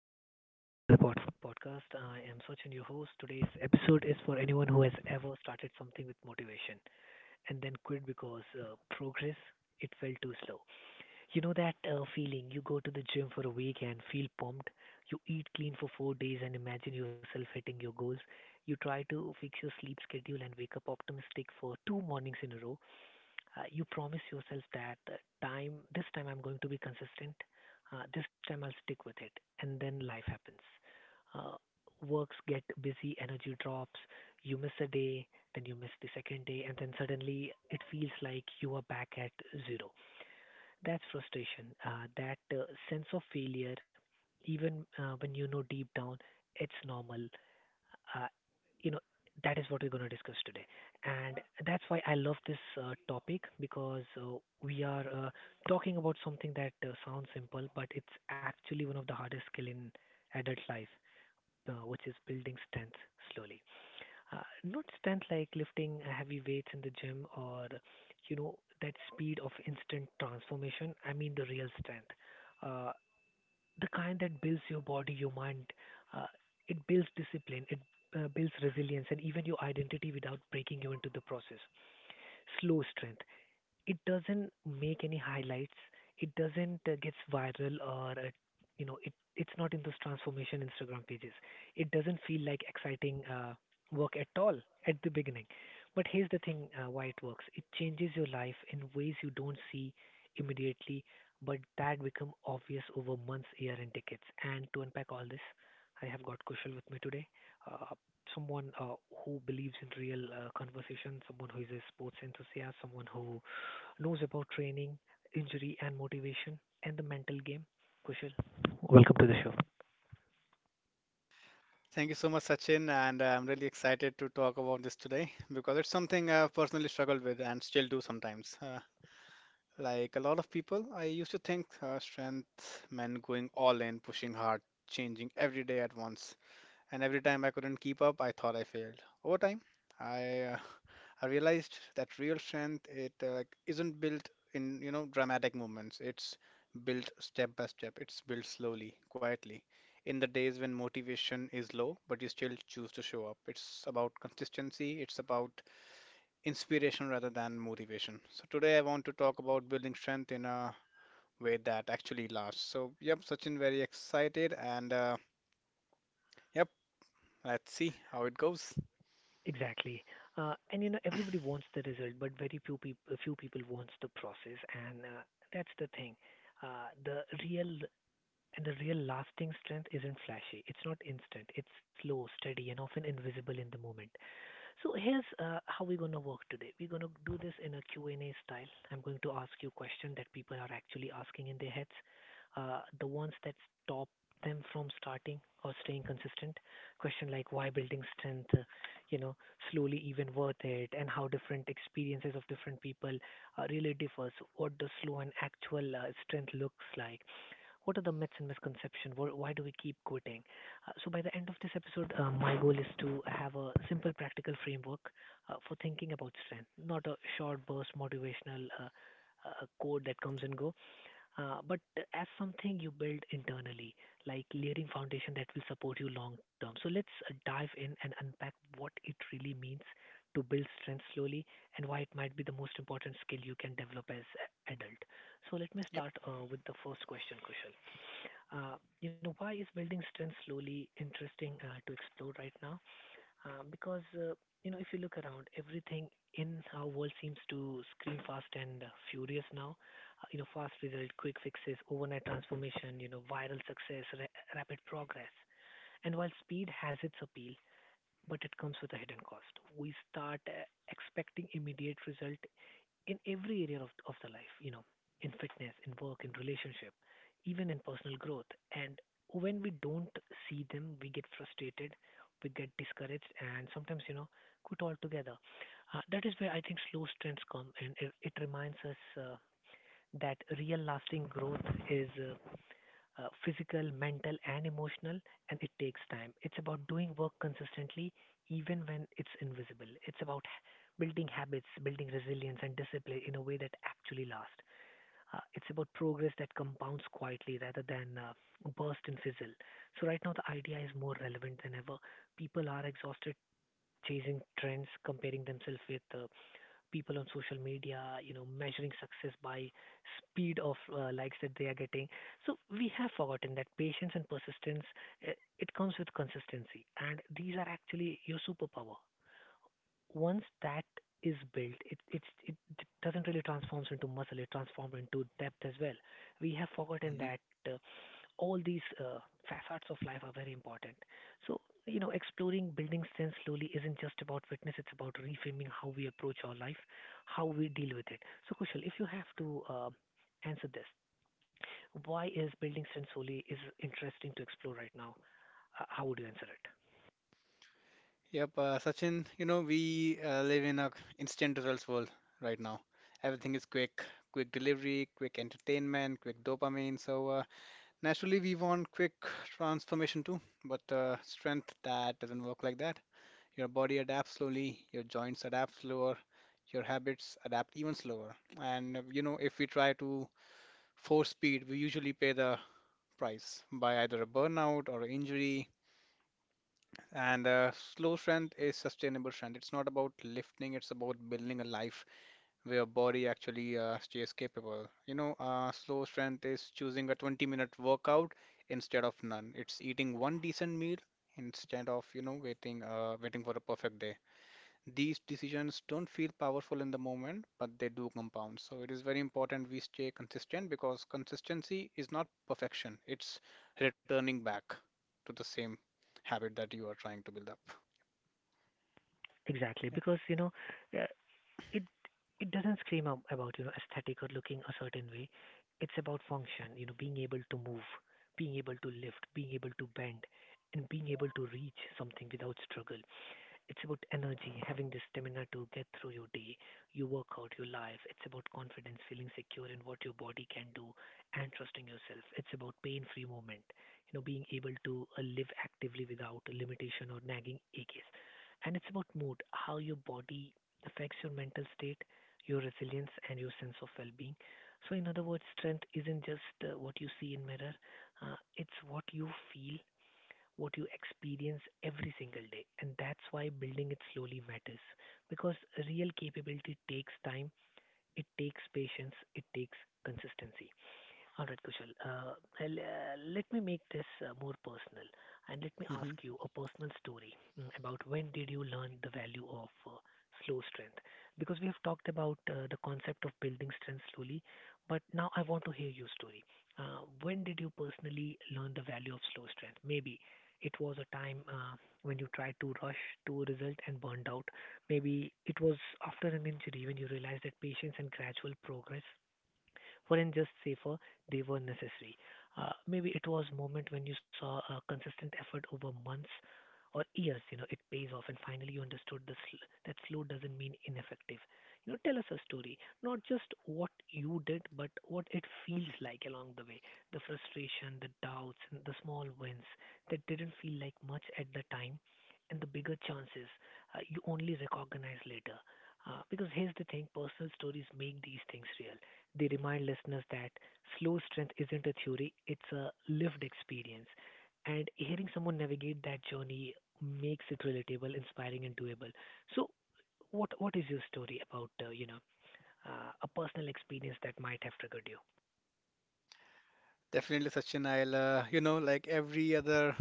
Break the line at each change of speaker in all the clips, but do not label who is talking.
and welcome back to the Pod Food Podcast. I am Sachin, your host. Today's episode is for anyone who has ever started something with motivation and then quit because progress it felt too slow. You know that feeling? You go to the gym for a week and feel pumped. You eat clean for 4 days and imagine yourself hitting your goals. You try to fix your sleep schedule and wake up optimistic for two mornings in a row. You promise yourself that time this time I'm going to be consistent. This time I'll stick with it. And then life happens. uh, Works get busy, energy drops. You miss a day, then you miss the second day, and then suddenly it feels like you are back at zero. That's frustration, that sense of failure, even when you know deep down it's normal. uh, you know, that is what we're going to discuss today. And that's why I love this topic, because we are talking about something that sounds simple, but it's actually one of the hardest skill in adult life, which is building strength slowly. Uh, Not strength like lifting heavy weights in the gym or, you know, that speed of instant transformation. I mean the real strength. Uh, the kind that builds your body, your mind. Uh, it builds discipline, it builds resilience, and even your identity without breaking you into the process. Slow strength, it doesn't make any highlights. It doesn't gets viral, or it's not in those transformation Instagram pages. It doesn't feel like exciting work at all at the beginning. But here's the thing: why it works. It changes your life in ways you don't see immediately, but that become obvious over months, year, and decades. And to unpack all this, I have got Kushal with me today. Uh, Someone who believes in real conversation, someone who is a sports enthusiast, someone who knows about training, injury, and motivation, and the mental game, Kushal. Sure.
Thank you so much, Sachin, and I'm really excited to talk about this today because it's something I've personally struggled with and still do sometimes. Like a lot of people, I used to think strength meant going all in, pushing hard, changing every day at once, and every time I couldn't keep up, I thought I failed. Over time, I I realized that real strength it like isn't built in dramatic moments. It's built step by step. It's built slowly, quietly, in the days when motivation is low, but you still choose to show up. It's about consistency. It's about inspiration rather than motivation. So today I want to talk about building strength in a way that actually lasts. So yep, Sachin, very excited, and yep, let's see how it goes.
Exactly. And you know, everybody wants the result, but very few people wants the process, and that's the thing. Uh, the real the real lasting strength isn't flashy. It's not instant. It's slow, steady, and often invisible in the moment. So here's how we're going to work today. We're going to do this in a Q&A style. I'm going to ask you questions that people are actually asking in their heads, the ones that stop them from starting or staying consistent. Question like why building strength, you know, slowly even worth it, and how different experiences of different people really differs. What does slow and actual strength looks like? What are the myths and misconceptions? Why do we keep quitting? So by the end of this episode, my goal is to have a simple practical framework for thinking about strength, not a short burst motivational code that comes and go, but as something you build internally, like layering foundation that will support you long term. So let's dive in and unpack what it really means to build strength slowly and why it might be the most important skill you can develop as adult. So let me start
Yep.
with the first question, Kushal. Uh, why is building strength slowly interesting to explore right now? Because if you look around, everything in our world seems to scream fast and furious now. Fast result, quick fixes, overnight transformation, viral success, rapid progress. And while speed has its appeal, but it comes with a hidden cost. We start expecting immediate result in every area of the life, in fitness, in work, in relationship, even in personal growth. And when we don't see them, we get frustrated, we get discouraged, and sometimes, quit altogether. That is where I think slow strengths come, and it reminds us that real lasting growth is physical, mental, and emotional, and it takes time. It's about doing work consistently, even when it's invisible. It's about building habits, building resilience, and discipline in a way that actually lasts. It's about progress that compounds quietly rather than burst and fizzle. So, right now, the idea is more relevant than ever. People are exhausted chasing trends, comparing themselves with people on social media, measuring success by speed of likes that they are getting. So we have forgotten that patience and persistence, uh, it comes with consistency, and these are actually your superpower once that is built, it doesn't really transforms into muscle. It transforms into depth as well. We have forgotten
Hmm.
that all these facets of life are very important. So exploring building sense slowly isn't just about fitness. It's about reframing how we approach our life, how we deal with it. So Kushal, if you have to answer this, why is building sense slowly is interesting to explore right now? How would you answer it?
Yep. Sachin, you know, we live in a instant results world right now. Everything is quick, quick delivery, quick entertainment, quick dopamine. So naturally, we want quick transformation too. But strength that doesn't work like that. Your body adapts slowly, your joints adapt slower, your habits adapt even slower. And you know, if we try to force speed, we usually pay the price by either a burnout or an injury. And slow strength is sustainable strength. It's not about lifting, it's about building a life where your body actually stays capable. You know, slow strength is choosing a 20-minute workout instead of none. It's eating one decent meal instead of, you know, waiting for a perfect day. These decisions don't feel powerful in the moment, but they do compound. So it is very important we stay consistent, because consistency is not perfection. It's returning back to the same habit that you are trying to build up.
Exactly,
Yep.
because you know, uh, it it doesn't scream about aesthetic or looking a certain way. It's about function, being able to move, being able to lift, being able to bend, and being able to reach something without struggle. It's about energy, having the stamina to get through your day, your workout, your life. It's about confidence, feeling secure in what your body can do and trusting yourself. It's about pain free movement, being able to live actively without limitation or nagging aches. And it's about mood, how your body affects your mental state, your resilience, and your sense of well being. So, in other words, strength isn't just what you see in mirror, it's what you feel what you experience every single day. And that's why building it slowly matters because real capability takes time, it takes patience, it takes consistency. All right, Kushal. Let me make this more personal and let me ask
Hmm.
you a personal story about when did you learn the value of slow strength? Because we have talked about the concept of building strength slowly, but now I want to hear your story. When did you personally learn the value of slow strength? Maybe it was a time when you tried to rush to a result and burned out. Maybe it was after an injury when you realized that patience and gradual progress weren't just safer, they were necessary. Maybe it was moment when you saw a consistent effort over months or years, it pays off, and finally you understood this, that slow doesn't mean ineffective. Tell us a story, not just what you did, but what it feels like along the way. The frustration, the doubts, and the small wins that didn't feel like much at the time and the bigger chances you only recognize later. Because here's the thing, personal stories make these things real. They remind listeners that slow strength isn't a theory, it's a lived experience. And hearing someone navigate that journey makes it relatable, inspiring, and doable. So, what is your story about, a personal experience that might have triggered you?
Definitely, Sachin. I'll, you know, like every other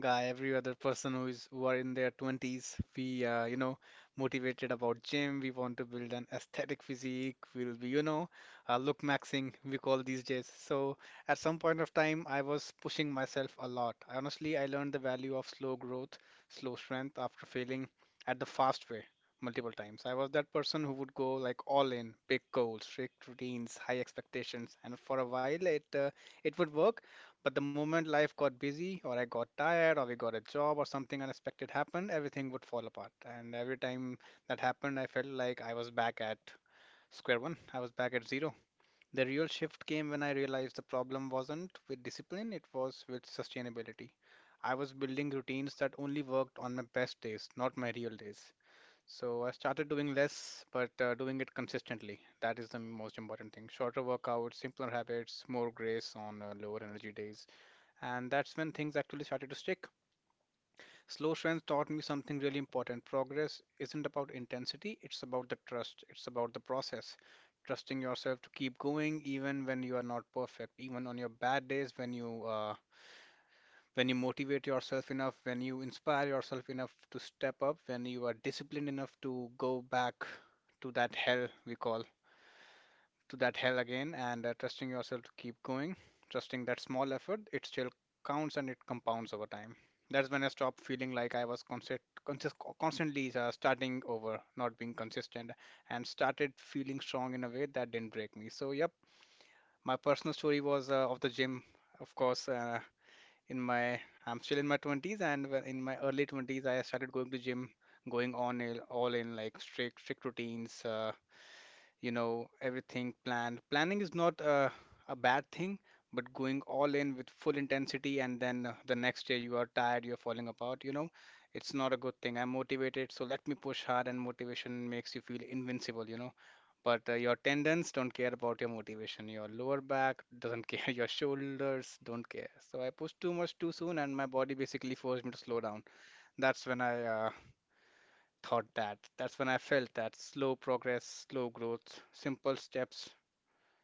guy, every other person who are in their 20s, we motivated about gym. We want to build an aesthetic physique. We'll be, you know, look maxing, we call these days. So at some point of time, I was pushing myself a lot. I honestly, I learned the value of slow growth, slow strength after failing at the fast way multiple times. I was that person who would go like all in, big goals, strict routines, high expectations, and for a while it would work, but the moment life got busy, or I got tired, or we got a job, or something unexpected happened, everything would fall apart. And every time that happened, I felt like I was back at square one. I was back at zero. The real shift came when I realized the problem wasn't with discipline, it was with sustainability. I was building routines that only worked on my best days, not my real days. So I started doing less, but doing it consistently. That is the most important thing. Shorter workouts, simpler habits, more grace on lower energy days. And that's when things actually started to stick. Slow strength taught me something really important. Progress isn't about intensity, it's about the trust, it's about the process. Trusting yourself to keep going even when you are not perfect, even on your bad days, when you motivate yourself enough, when you inspire yourself enough to step up, when you are disciplined enough to go back to that hell we call to that hell again, and trusting yourself to keep going, trusting that small effort, it still counts and it compounds over time. That's when I stopped feeling like I was constantly starting over, not being consistent, and started feeling strong in a way that didn't break me. So, yep, my personal story was of the gym, of course, in my I'm still in my 20s, and when in my early 20s I started going to gym, going on in, all in, like strict routines, you know, everything planned planning is not a bad thing, but going all in with full intensity, and then the next day you are tired, you're falling apart, you know, it's not a good thing. I'm motivated, so let me push hard, and motivation makes you feel invincible, you know, but your tendons don't care about your motivation. Your lower back doesn't care. Your shoulders don't care. So I pushed too much too soon, and my body basically forced me to slow down. That's when I thought that. That's when I felt that slow progress, slow growth, simple steps,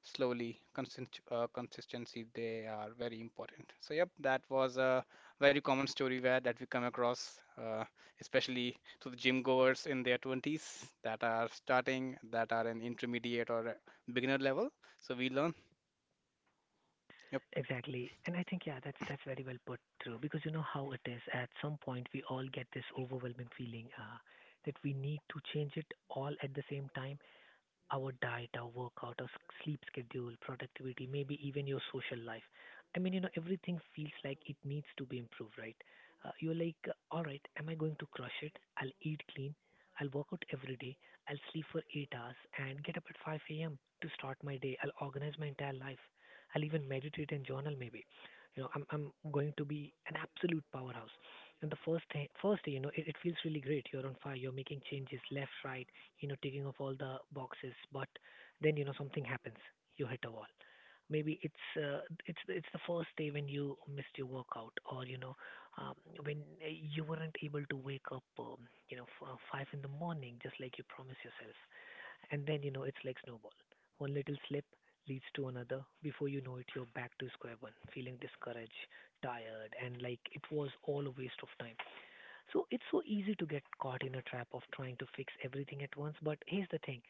slowly consistency, they are very important. So yep, that was a very common story where that we come across, especially to the gym goers in their 20s that are starting, that are in intermediate or a beginner level, so we learn. Yep.
Exactly. And I think, yeah, that's very well put through because you know how it is. At some point, we all get this overwhelming feeling that we need to change it all at the same time. Our diet, our workout, our sleep schedule, productivity, maybe even your social life. I mean, everything feels like it needs to be improved, right? You're like, all right, am I going to crush it? I'll eat clean. I'll work out every day. I'll sleep for 8 hours and get up at 5 a.m. to start my day. I'll organize my entire life. I'll even meditate and journal, maybe. I'm going to be an absolute powerhouse. And the first day, it feels really great. You're on fire. You're making changes left, right, taking off all the boxes, but then, something happens. You hit a wall. Maybe it's the first day when you missed your workout, or um, when you weren't able to wake up, 5 in the morning, just like you promised yourself. And then, it's like snowball. One little slip leads to another. Before you know it, you're back to square one, feeling discouraged, tired, and like it was all a waste of time. So it's so easy to get caught in a trap of trying to fix everything at once. But here's the thing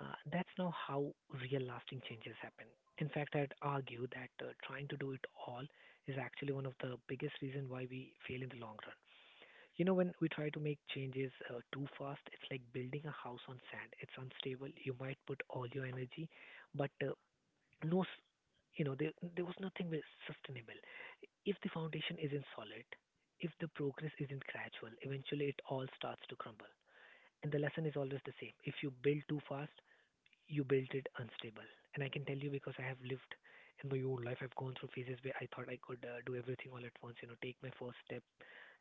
uh, That's not how real lasting changes happen. In fact, I'd argue that trying to do it all is actually one of the biggest reasons why we fail in the long run. You know, when we try to make changes too fast, it's like building a house on sand. It's unstable. You might put all your energy, but no, s- you know, there was nothing was sustainable. If the foundation isn't solid, if the progress isn't gradual, eventually it all starts to crumble. And the lesson is always the same. If you build too fast, you build it unstable. And I can tell you because I have lived in my own life. I've gone through phases where I thought I could do everything all at once, you know, take my first step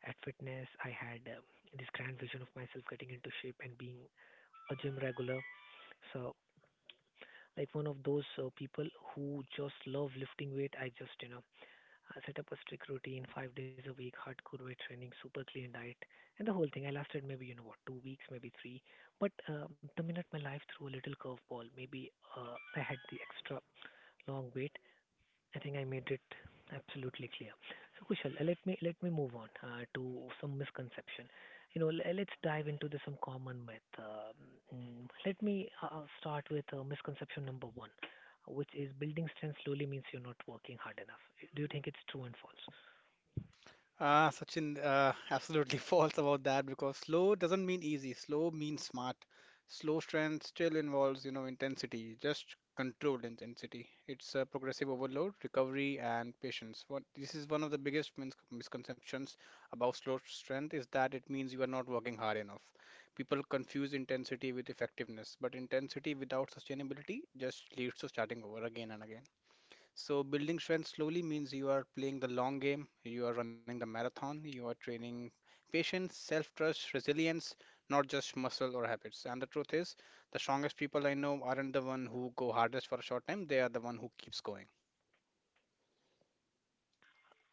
at fitness. I had this grand vision of myself getting into shape and being a gym regular. So, like one of those people who just love lifting weight, I just, you know, I set up a strict routine, 5 days a week, hardcore weight training, super clean diet, and the whole thing. I lasted maybe, you know what, 2 weeks, maybe three. But the minute my life threw a little curveball, maybe I had the extra long wait. I think I made it absolutely clear. So Kushal, let me move on to some misconception. You know, let's dive into the, some common myth. Let me start with misconception number one, which is building strength slowly means you're not working hard enough. Do you think it's true and false?
Sachin, absolutely false about that, because slow doesn't mean easy. Slow means smart. Slow strength still involves, you know, intensity, just controlled intensity. It's a progressive overload, recovery, and patience. What This is one of the biggest misconceptions about slow strength, is that it means you are not working hard enough. People confuse intensity with effectiveness, but intensity without sustainability just leads to starting over again and again. So, building strength slowly means you are playing the long game, you are running the marathon, you are training patience, self trust, resilience, not just muscle or habits. And the truth is, the strongest people I know aren't the one who go hardest for a short time, they are the one who keeps going.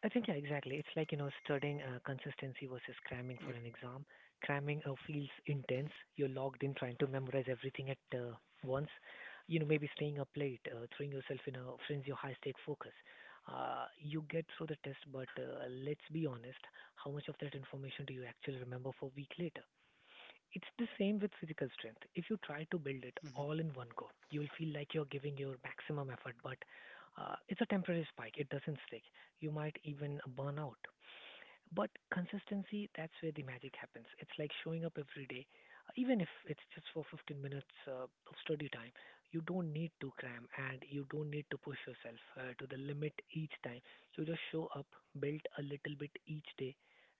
I think, yeah, exactly. It's like, you know, studying consistency versus cramming for
Yep.
an exam. Cramming feels intense. You're logged in trying to memorize everything at once. You know, maybe staying up late, throwing yourself in a frenzy of high stake focus. You get through the test, but let's be honest, how much of that information do you actually remember for a week later? It's the same with physical strength. If you try to build it
Hmm.
all in one go, you will feel like you're giving your maximum effort, but it's a temporary spike. It doesn't stick. You might even burn out. But consistency, that's where the magic happens. It's like showing up every day, even if it's just for 15 minutes of study time. You don't need to cram and you don't need to push yourself to the limit each time. You just show up, build a little bit each day,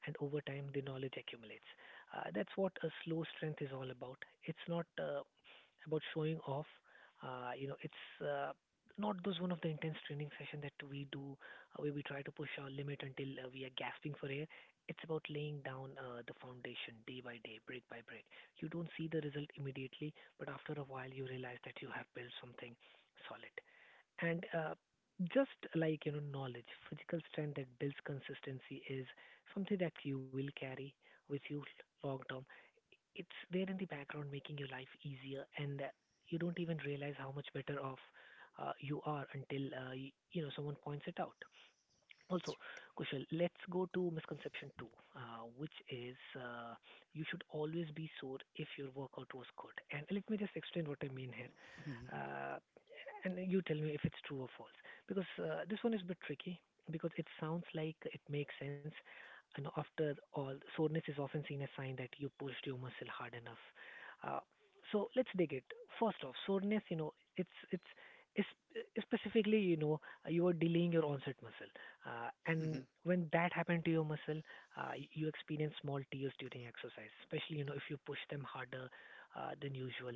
and over time the knowledge accumulates. That's what a slow strength is all about. It's not about showing off. It's not those one of the intense training session that we do where we try to push our limit until we are gasping for air. It's about laying down the foundation day by day, brick by brick. You don't see the result immediately, but after a while, you realize that you have built something solid. And just like you know, knowledge, physical strength that builds consistency is something that you will carry with you long term. It's there in the background, making your life easier, and you don't even realize how much better off you are until you know someone points it out.
That's
Also, Kushal, let's go to misconception two, which is you should always be sore if your workout was good. And let me just explain what I mean here.
right. Hmm.
Uh, and you tell me if it's true or false, because this one is a bit tricky because it sounds like it makes sense, and after all, soreness is often seen as sign that you pushed your muscle hard enough uh, so let's dig it. First off, soreness you know it's specifically, you know, you are delaying your onset muscle. And
Hmm.
when that happened to your muscle, you experience small tears during exercise, especially, you know, if you push them harder than usual,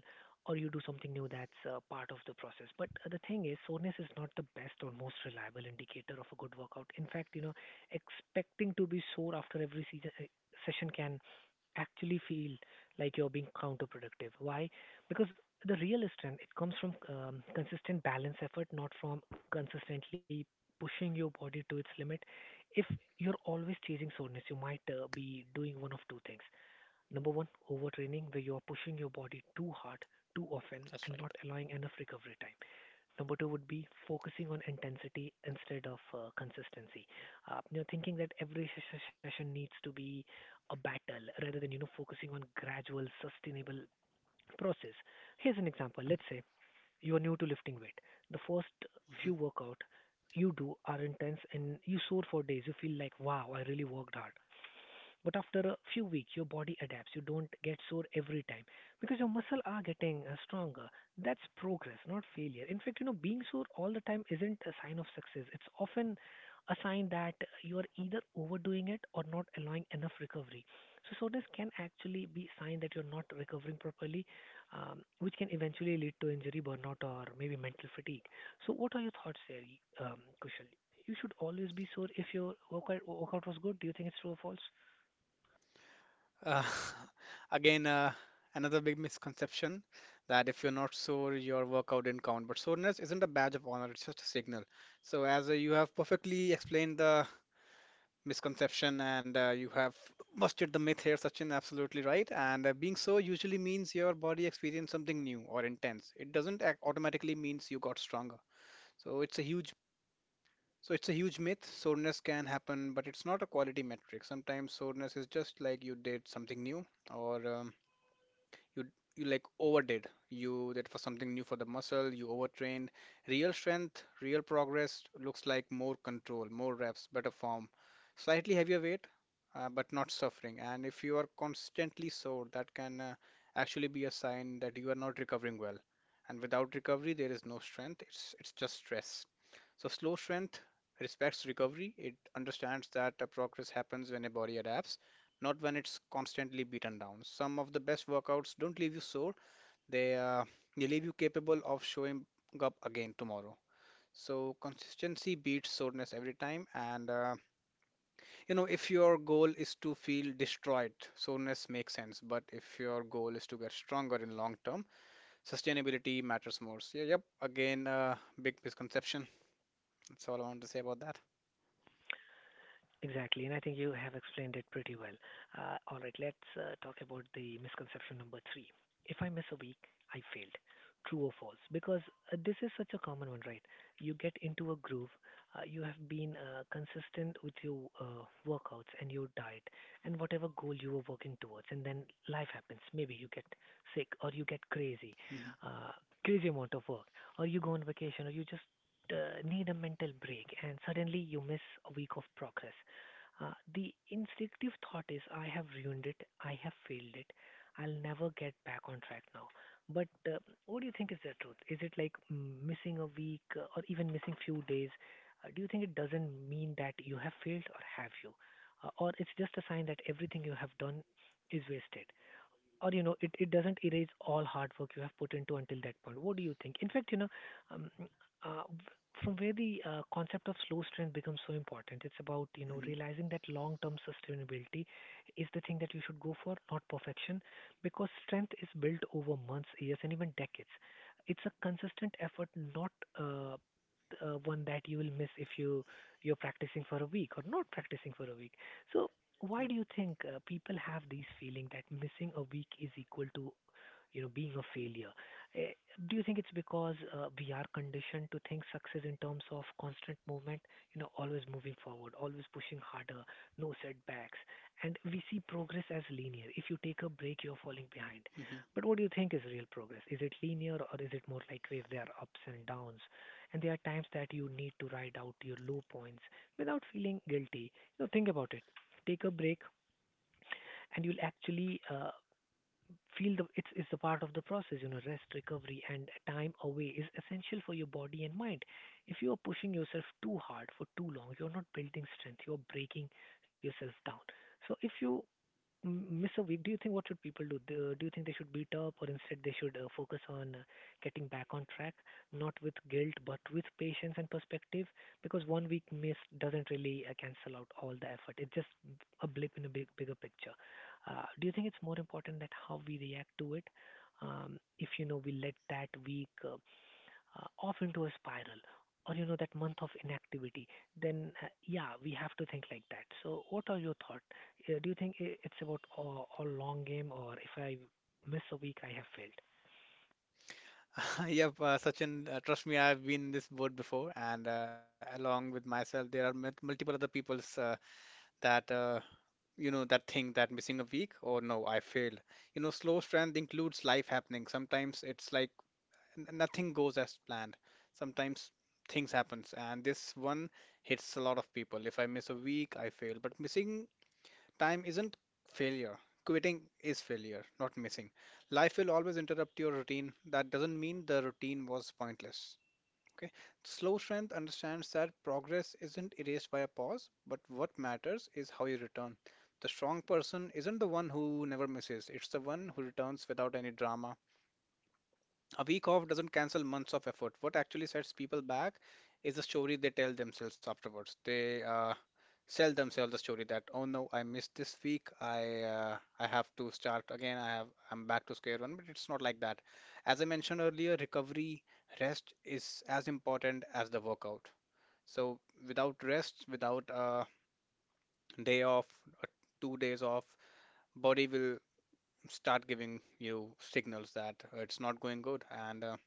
or you do something new. That's part of the process. But the thing is, soreness is not the best or most reliable indicator of a good workout. In fact, you know, expecting to be sore after every season, session, can actually feel like you're being counterproductive. Why? Because the real strength it comes from consistent balance effort, not from consistently pushing your body to its limit. If you're always chasing soreness, you might be doing one of two things. Number one, overtraining, where you are pushing your body too hard, too often,
That's
and
right.
not allowing enough recovery time. Number two would be focusing on intensity instead of consistency. You know, thinking that every session needs to be a battle rather than you know focusing on gradual, sustainable process. Here's an example. Let's say you are new to lifting weight. The first
Hmm.
few workout you do are intense and you soar for days. You feel like wow, I really worked hard. But after a few weeks, your body adapts. You don't get sore every time because your muscles are getting stronger. That's progress, not failure. In fact, you know, being sore all the time isn't a sign of success. It's often a sign that you are either overdoing it or not allowing enough recovery. So soreness can actually be a sign that you're not recovering properly, which can eventually lead to injury, burnout, or maybe mental fatigue. So what are your thoughts there, Kushal? You should always be sore if your workout was good. Do you think it's true or false?
Uh, again, another big misconception, that if you're not sore, your workout didn't count. But soreness isn't a badge of honor, it's just a signal. So, as you have perfectly explained the misconception, and you have busted the myth here, Sachin, absolutely right. And being so usually means your body experienced something new or intense. It doesn't automatically means you got stronger. So it's a huge, myth. Soreness can happen, but it's not a quality metric. Sometimes soreness is just like you did something new, or you you like overdid, you that was something new for the muscle, you overtrained. Real strength, real progress looks like more control, more reps, better form, slightly heavier weight, but not suffering. And if you are constantly sore, that can actually be a sign that you are not recovering well, and without recovery there is no strength, it's just stress. So, slow strength respects recovery. It understands that a progress happens when a body adapts, not when it's constantly beaten down. Some of the best workouts don't leave you sore, they, uh, they leave you capable of showing up again tomorrow. So, consistency beats soreness every time. And, you know, if your goal is to feel destroyed, soreness makes sense. But if your goal is to get stronger in long term, sustainability matters more. So, yeah, yep, again, big misconception. That's all I want to say about that.
Exactly, and I think you have explained it pretty well. All right, let's talk about the misconception number three. If I miss a week, I failed. True or false? Because this is such a common one, right? You get into a groove, you have been consistent with your workouts and your diet and whatever goal you were working towards, and then life happens. Maybe you get sick, or you get crazy,
Mhm.
uh, crazy amount of work, or you go on vacation, or you just need a mental break, and suddenly you miss a week of progress. The instinctive thought is, I have ruined it, I have failed it, I'll never get back on track now. But what do you think is the truth? Is it like missing a week or even missing few days? Do you think it doesn't mean that you have failed, or have you? Or it's just a sign that everything you have done is wasted? Or, you know, it doesn't erase all hard work you have put into until that point. What do you think? In fact, you know, um, uh, from where the concept of slow strength becomes so important. It's about, you know,
Hmm.
realizing that long term sustainability is the thing that you should go for, not perfection, because strength is built over months, years, and even decades. It's a consistent effort, not uh, one that you will miss if you're practicing for a week or not practicing for a week. So why
Yep.
do you think people have these feeling that missing a week is equal to, you know, being a failure? Eh, Do you think it's because we are conditioned to think success in terms of constant movement, you know, always moving forward, always pushing harder, no setbacks, and we see progress as linear. If you take a break, you're falling behind.
Hmm.
But what do you think is real progress? Is it linear, or is it more like wave? There are ups and downs, and there are times that you need to ride out your low points without feeling guilty. You know, think about it, take a break, and you'll actually feel the it's a part of the process. You know, rest, recovery, and time away is essential for your body and mind. If you are pushing yourself too hard for too long, you're not building strength, you're breaking yourself down. So if you M- Miss a week, do you think what should people do? Do you think they should beat up, or instead they should focus on getting back on track, not with guilt but with patience and perspective? Because one week miss doesn't really cancel out all the effort. It's just a blip in a big bigger picture. Do you think it's more important that how we react to it? If you know we let that week off into a spiral or you know that month of inactivity then yeah, we have to think like that. So what are your thoughts? Do you think it's about all long game, or if I miss a week I have failed?
Yep, Sachin, trust me, I've been in this boat before, and along with myself, there are multiple other people's that you know, that think that missing a week, or, no, I failed. You know, slow strength includes life happening. Sometimes it's like nothing goes as planned. Sometimes things happens, and this one hits a lot of people. If I miss a week, I fail. But missing time isn't failure. Quitting is failure, not missing. Life will always interrupt your routine. That doesn't mean the routine was pointless. Okay. Slow strength understands that progress isn't erased by a pause, but what matters is how you return. The strong person isn't the one who never misses, it's the one who returns without any drama. A week off doesn't cancel months of effort. What actually sets people back is the story they tell themselves afterwards. They sell themselves the story that, oh no, I missed this week. I have to start again. I'm back to square one. But it's not like that. As I mentioned earlier, recovery, rest is as important as the workout. So without rest, without a day off, uh, 2 days off, body will start giving you signals that it's not going good. and. Uh,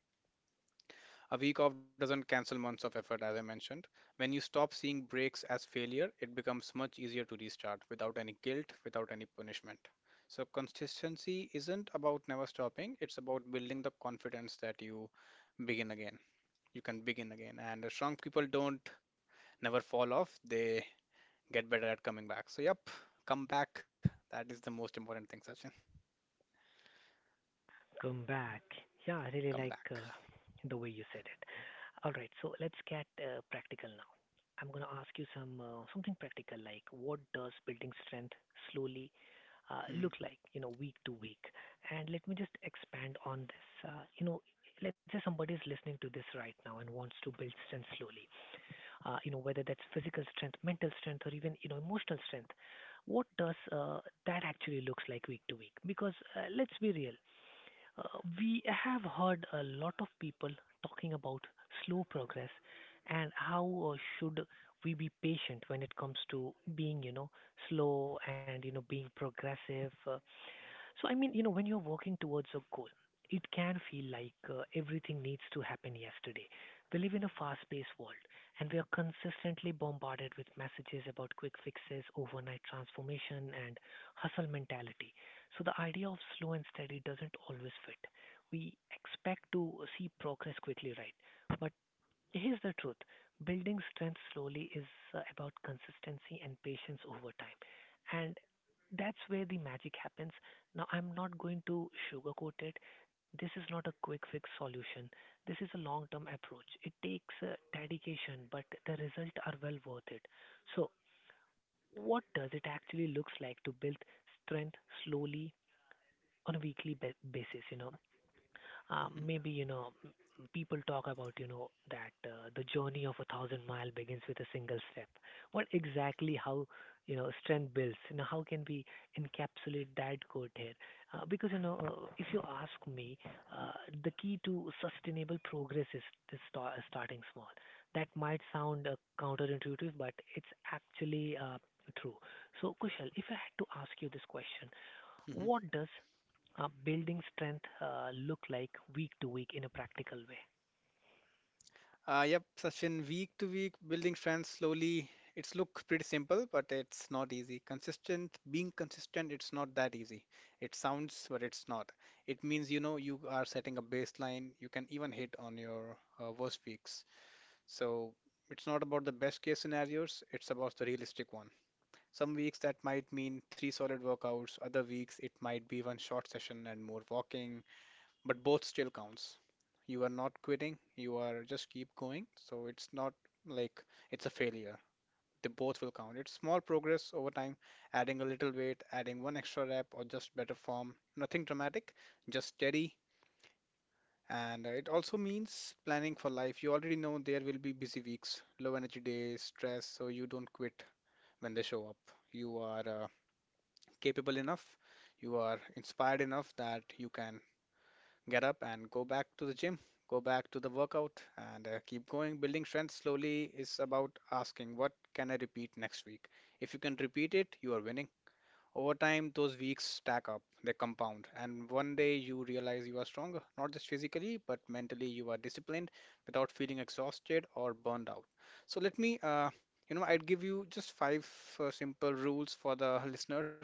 A week off doesn't cancel months of effort, as I mentioned. When you stop seeing breaks as failure, it becomes much easier to restart without any guilt, without any punishment. So, consistency isn't about never stopping, it's about building the confidence that you begin again. You can begin again. And strong people don't never fall off, they get better at coming back. So, yep, come back. That is the most important thing, Sachin.
Come back. Yeah, I really
Come
like
back.
the way you said it. All right, so let's get practical now. I'm going to ask you some something practical like what does building strength slowly look
Mhm.
like, you know, week to week? And let me just expand on this. You know, let's say somebody is listening to this right now and wants to build strength slowly. You know, whether that's physical strength, mental strength, or even you know emotional strength. What does that actually looks like week to week? Because let's be real, uh, we have heard a lot of people talking about slow progress and how should we be patient when it comes to being, you know, slow and you know being progressive. So, I mean, you know, when you're working towards a goal, it can feel like everything needs to happen yesterday. We live in a fast paced world, and we are consistently bombarded with messages about quick fixes, overnight transformation, and hustle mentality. So the idea of slow and steady doesn't always fit. We expect to see progress quickly, right? But here's the truth. Building strength slowly is about consistency and patience over time. And that's where the magic happens. Now, I'm not going to sugarcoat it. This is not a quick fix solution. This is a long term approach. It takes dedication, but the results are well worth it. So what does it actually looks like to build strength slowly on a weekly basis? You know,
Mhm.
maybe you know people talk about you know that the journey of a thousand mile begins with a single step. What exactly, how you know strength builds? You know how can we encapsulate that quote here? Because you know if you ask me, uh, the key to sustainable progress is starting small. That might sound counterintuitive, but it's actually true. So Kushal, if I had to ask you this question,
Mhm.
what does building strength look like week to week in a practical way?
Yep, Sachin, week to week, building strength slowly. It's look pretty simple, but it's not easy. Being consistent, it's not that easy. It sounds, but it's not. It means, you know, you are setting a baseline. You can even hit on your worst weeks. So it's not about the best case scenarios. It's about the realistic one. Some weeks that might mean three solid workouts. Other weeks it might be one short session and more walking, but both still counts. You are not quitting, you are just keep going. So it's not like it's a failure. They both will count. It's small progress over time, adding a little weight, adding one extra rep, or just better form. Nothing dramatic, just steady. And it also means planning for life. You already know there will be busy weeks, low energy days, stress, so you don't quit when they show up. You are capable enough, you are inspired enough that you can get up and go back to the gym, go back to the workout, and keep going. Building strength slowly is about asking, what can I repeat next week? If you can repeat it, you are winning. Over time, those weeks stack up, they compound, and one day you realize you are stronger, not just physically, but mentally. You are disciplined without feeling exhausted or burned out. So, let me, you know, I'd give you just five simple rules for the listeners.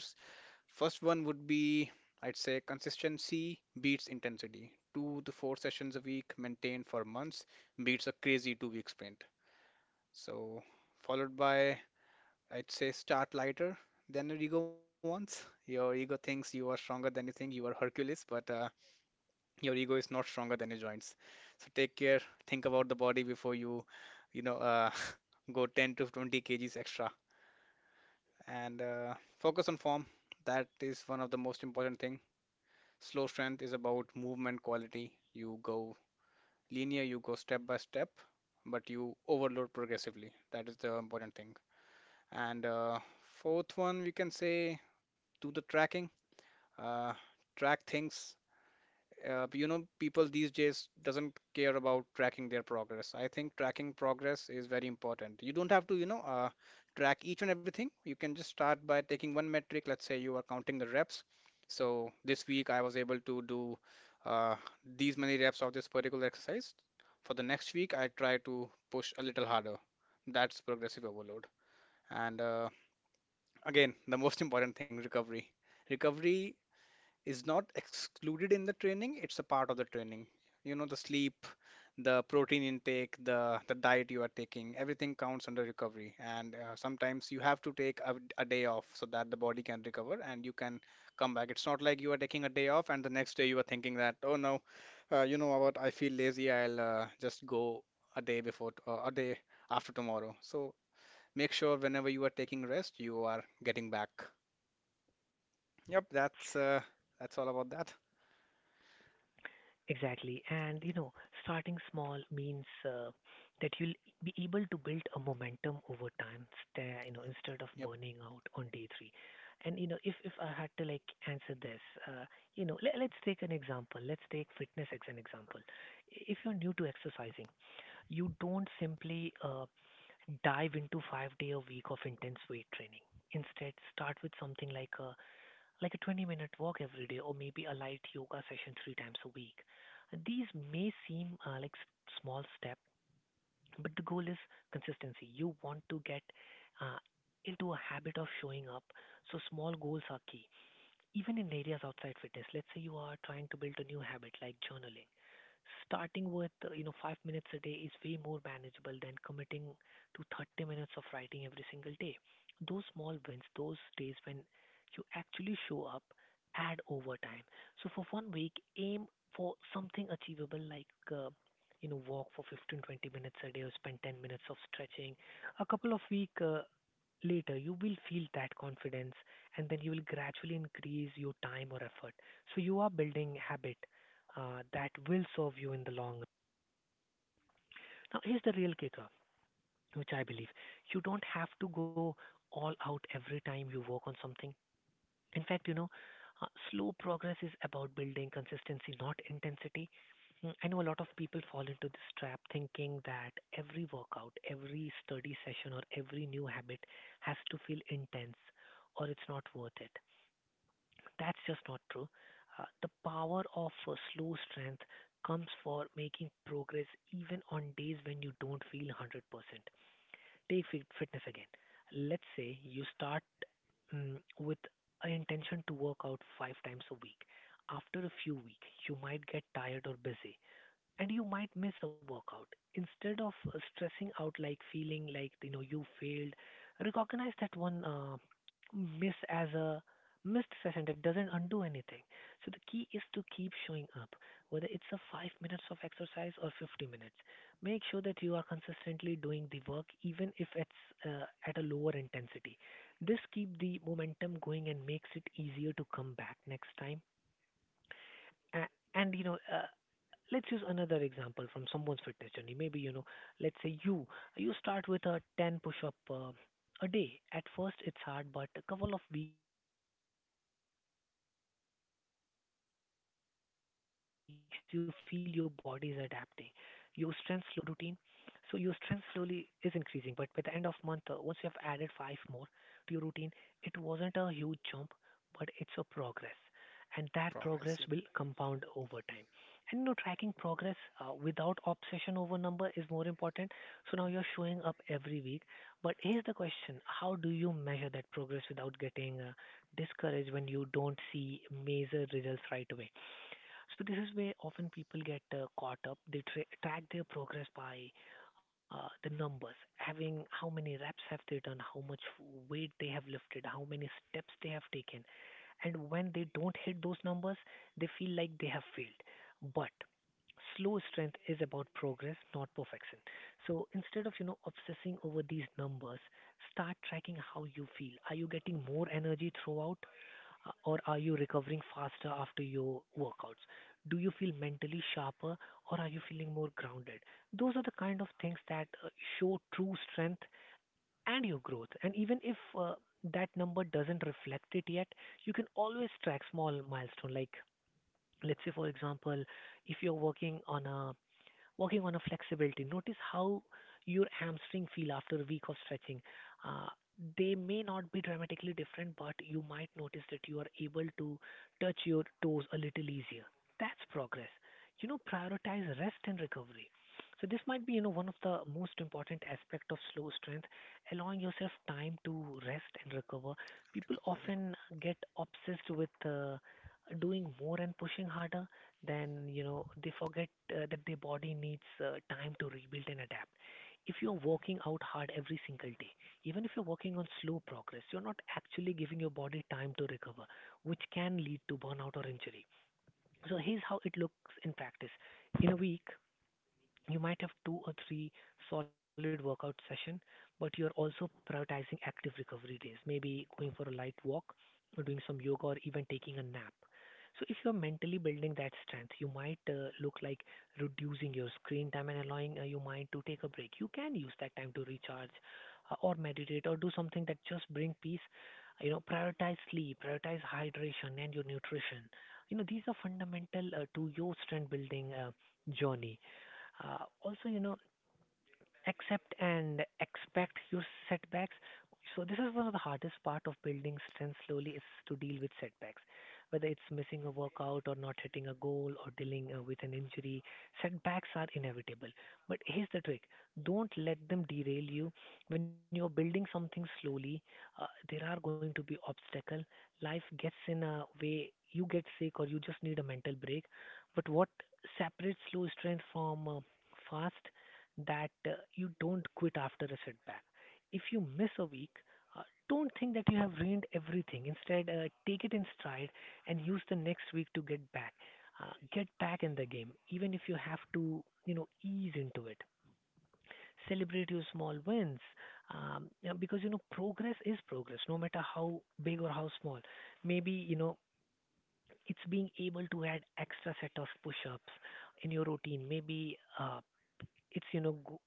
First one would be, I'd say, consistency beats intensity. Two to four sessions a week maintained for months beats a crazy 2-week sprint. So, followed by, I'd say, start lighter than your ego wants. Your ego thinks you are stronger than you think, you are Hercules, but your ego is not stronger than your joints. So, take care, think about the body before you, you know, uh, go 10 to 20 kgs extra and focus on form. That is one of the most important thing. Slow strength is about movement quality. You go linear, you go step by step, but you overload progressively. That is the important thing. And fourth one, we can say, do the tracking. Uh, Track things. You know, people these days doesn't care about tracking their progress. I think tracking progress is very important. You don't have to, track each and everything. You can just start by taking one metric. Let's say you are counting the reps. So this week I was able to do uh, these many reps of this particular exercise. For the next week I try to push a little harder. That's progressive overload. And again, the most important thing, recovery. Recovery is not excluded in the training, it's a part of the training. You know, the sleep, the protein intake, the diet you are taking, everything counts under recovery. And sometimes you have to take a day off so that the body can recover and you can come back. It's not like you are taking a day off and the next day you are thinking that, oh no, you know what, I feel lazy, I'll just go a day after tomorrow. So make sure whenever you are taking rest you are getting back. Yep, that's all about that.
Exactly. And you know, starting small means that you'll be able to build a momentum over time, you know, instead of
Yep.
burning out on day three. And you know, if I had to like answer this, uh, you know, let's take an example. Let's take fitness as an example. If you're new to exercising, you don't simply dive into 5 day a week of intense weight training. Instead, start with something like a 20-minute walk every day, or maybe a light yoga session 3 times a week. These may seem like small steps, but the goal is consistency. You want to get uh, into a habit of showing up, so small goals are key. Even in areas outside fitness, let's say you are trying to build a new habit like journaling. Starting with, you know, 5 minutes a day is way more manageable than committing to 30 minutes of writing every single day. Those small wins, those days when you actually show up, add over time. So for one week, aim for something achievable like, you know, walk for 15 20 minutes a day or spend 10 minutes of stretching. A couple of week later, you will feel that confidence, and then you will gradually increase your time or effort. So you are building habit that will serve you in the long run. Now, here's the real kicker, which I believe you don't have to go all out every time you work on something. In fact, you know, slow progress is about building consistency, not intensity. I know a lot of people fall into this trap thinking that every workout, every study session, or every new habit has to feel intense or it's not worth it. That's just not true. The power of slow strength comes for making progress even on days when you don't feel 100%. Take fitness again. Let's say you start with an intention to work out 5 times a week. After a few weeks, you might get tired or busy, and you might miss a workout. Instead of stressing out, like feeling like you know you failed, recognize that one miss as a missed session that doesn't undo anything. So the key is to keep showing up, whether it's a 5 minutes of exercise or 50 minutes. Make sure that you are consistently doing the work, even if it's at a lower intensity. This keep the momentum going and makes it easier to come back next time. And you know, let's use another example from someone's fitness journey. Maybe, you know, let's say you start with a 10 push-up a day. At first it's hard, but a couple of weeks you feel your body is adapting. Your strength slowly increases. By the end of the month you have added 5 more push-up to your routine. So your strength slowly is increasing, but by the end of month once you have added 5 more to your routine, it wasn't a huge jump, but it's a progress. And that progress
Progress.
will compound over time. And you know, tracking progress without obsession over number is more important. So now you're showing up every week. But here's the question: how do you measure that progress without getting discouraged when you don't see major results right away? So this is where often people get caught up. They track their progress by the numbers, having how many reps have they done, how much weight they have lifted, how many steps they have taken. And when they don't hit those numbers, they feel like they have failed. But slow strength is about progress, not perfection. So instead of you know obsessing over these numbers, start tracking how you feel. Are you getting more energy throughout, or are you recovering faster after your workouts? Do you feel mentally sharper, or are you feeling more grounded? Those are the kind of things that show true strength and your growth. And even if that number doesn't reflect it yet, you can always track small milestone like, let's say for example, if you're working on a flexibility. Notice how your hamstring feel after a week of stretching. Uh, they may not be dramatically different, but you might notice that you are able to touch your toes a little easier. That's progress. You know, prioritize rest and recovery. So this might be, you know, one of the most important aspect of slow strength, allowing yourself time to rest and recover. People
Recover. Yep.
often get obsessed with doing more and pushing harder, then you know they forget that their body needs time to rebuild and adapt. If you're working out hard every single day, even if you're working on slow progress, you're not actually giving your body time to recover, which can lead to burnout or injury. So here's how it looks in practice. In a week, you might have two or three solid workout session, but you're also prioritizing active recovery days, maybe going for a light walk or doing some yoga or even taking a nap. So if you're mentally building that strength, you might look like reducing your screen time and allowing your mind to take a break. You can use that time to recharge or meditate or do something that just bring peace. You know, prioritize sleep, prioritize hydration and your nutrition. You know, these are fundamental to your strength building journey. Also, you know, accept and expect your setbacks. So this is one of the hardest part of building strength slowly is to deal with setbacks. Whether it's missing a workout or not hitting a goal or dealing with an injury, setbacks are inevitable. But here's the trick. Don't let them derail you. When you're building something slowly, uh, there are going to be obstacles. Life gets in a way, you get sick or you just need a mental break. But what separates slow strength from fast that you don't quit after a setback. If you miss a week, uh, don't think that you have ruined everything. Instead, take it in stride and use the next week to get back. Get back in the game, even if you have to, you know, ease into it. Celebrate your small wins, yeah, because progress is progress, no matter how big or how small. Maybe it's being able to add extra set of push-ups in your routine. Maybe it's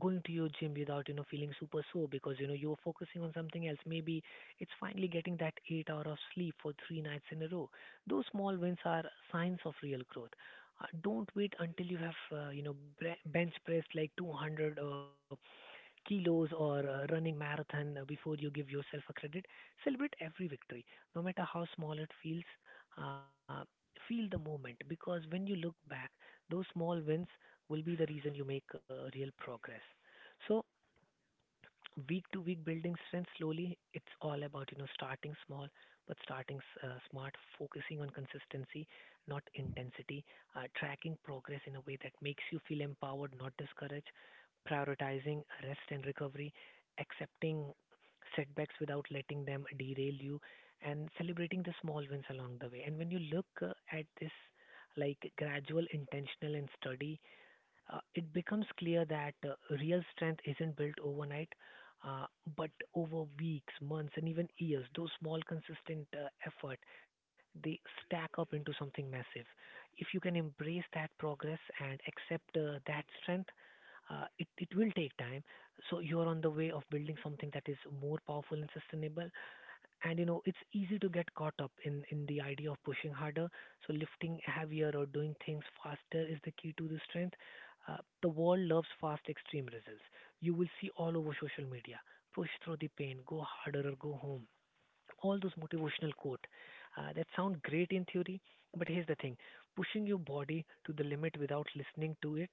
going to your gym without feeling super sore because you're focusing on something else. Maybe it's finally getting that 8 hours hour of sleep for 3 nights in a row. Those small wins are signs of real growth. Don't wait until you have bench pressed like 200 kilos or running marathon before you give yourself a credit. Celebrate every victory, no matter how small it feels. Uh, Feel the moment, because when you look back, those small wins will be the reason you make real progress. So week to week, building strength slowly, it's all about starting small, but starting smart, focusing on consistency, not intensity, tracking progress in a way that makes you feel empowered not discouraged, prioritizing rest and recovery, accepting setbacks without letting them derail you, and celebrating the small wins along the way. And when you look at this, like gradual, intentional and steady, it becomes clear that real strength isn't built overnight, uh, but over weeks, months, and even years. Those small, consistent effort, they stack up into something massive. If you can embrace that progress and accept that strength, it will take time. So you're on the way of building something that is more powerful and sustainable. And it's easy to get caught up in the idea of pushing harder, so lifting heavier or doing things faster is the key to the strength. uh, the world loves fast extreme results. You will see all over social media, push through the pain, go harder or go home, all those motivational quote that sound great in theory. But here's the thing, pushing your body to the limit without listening to it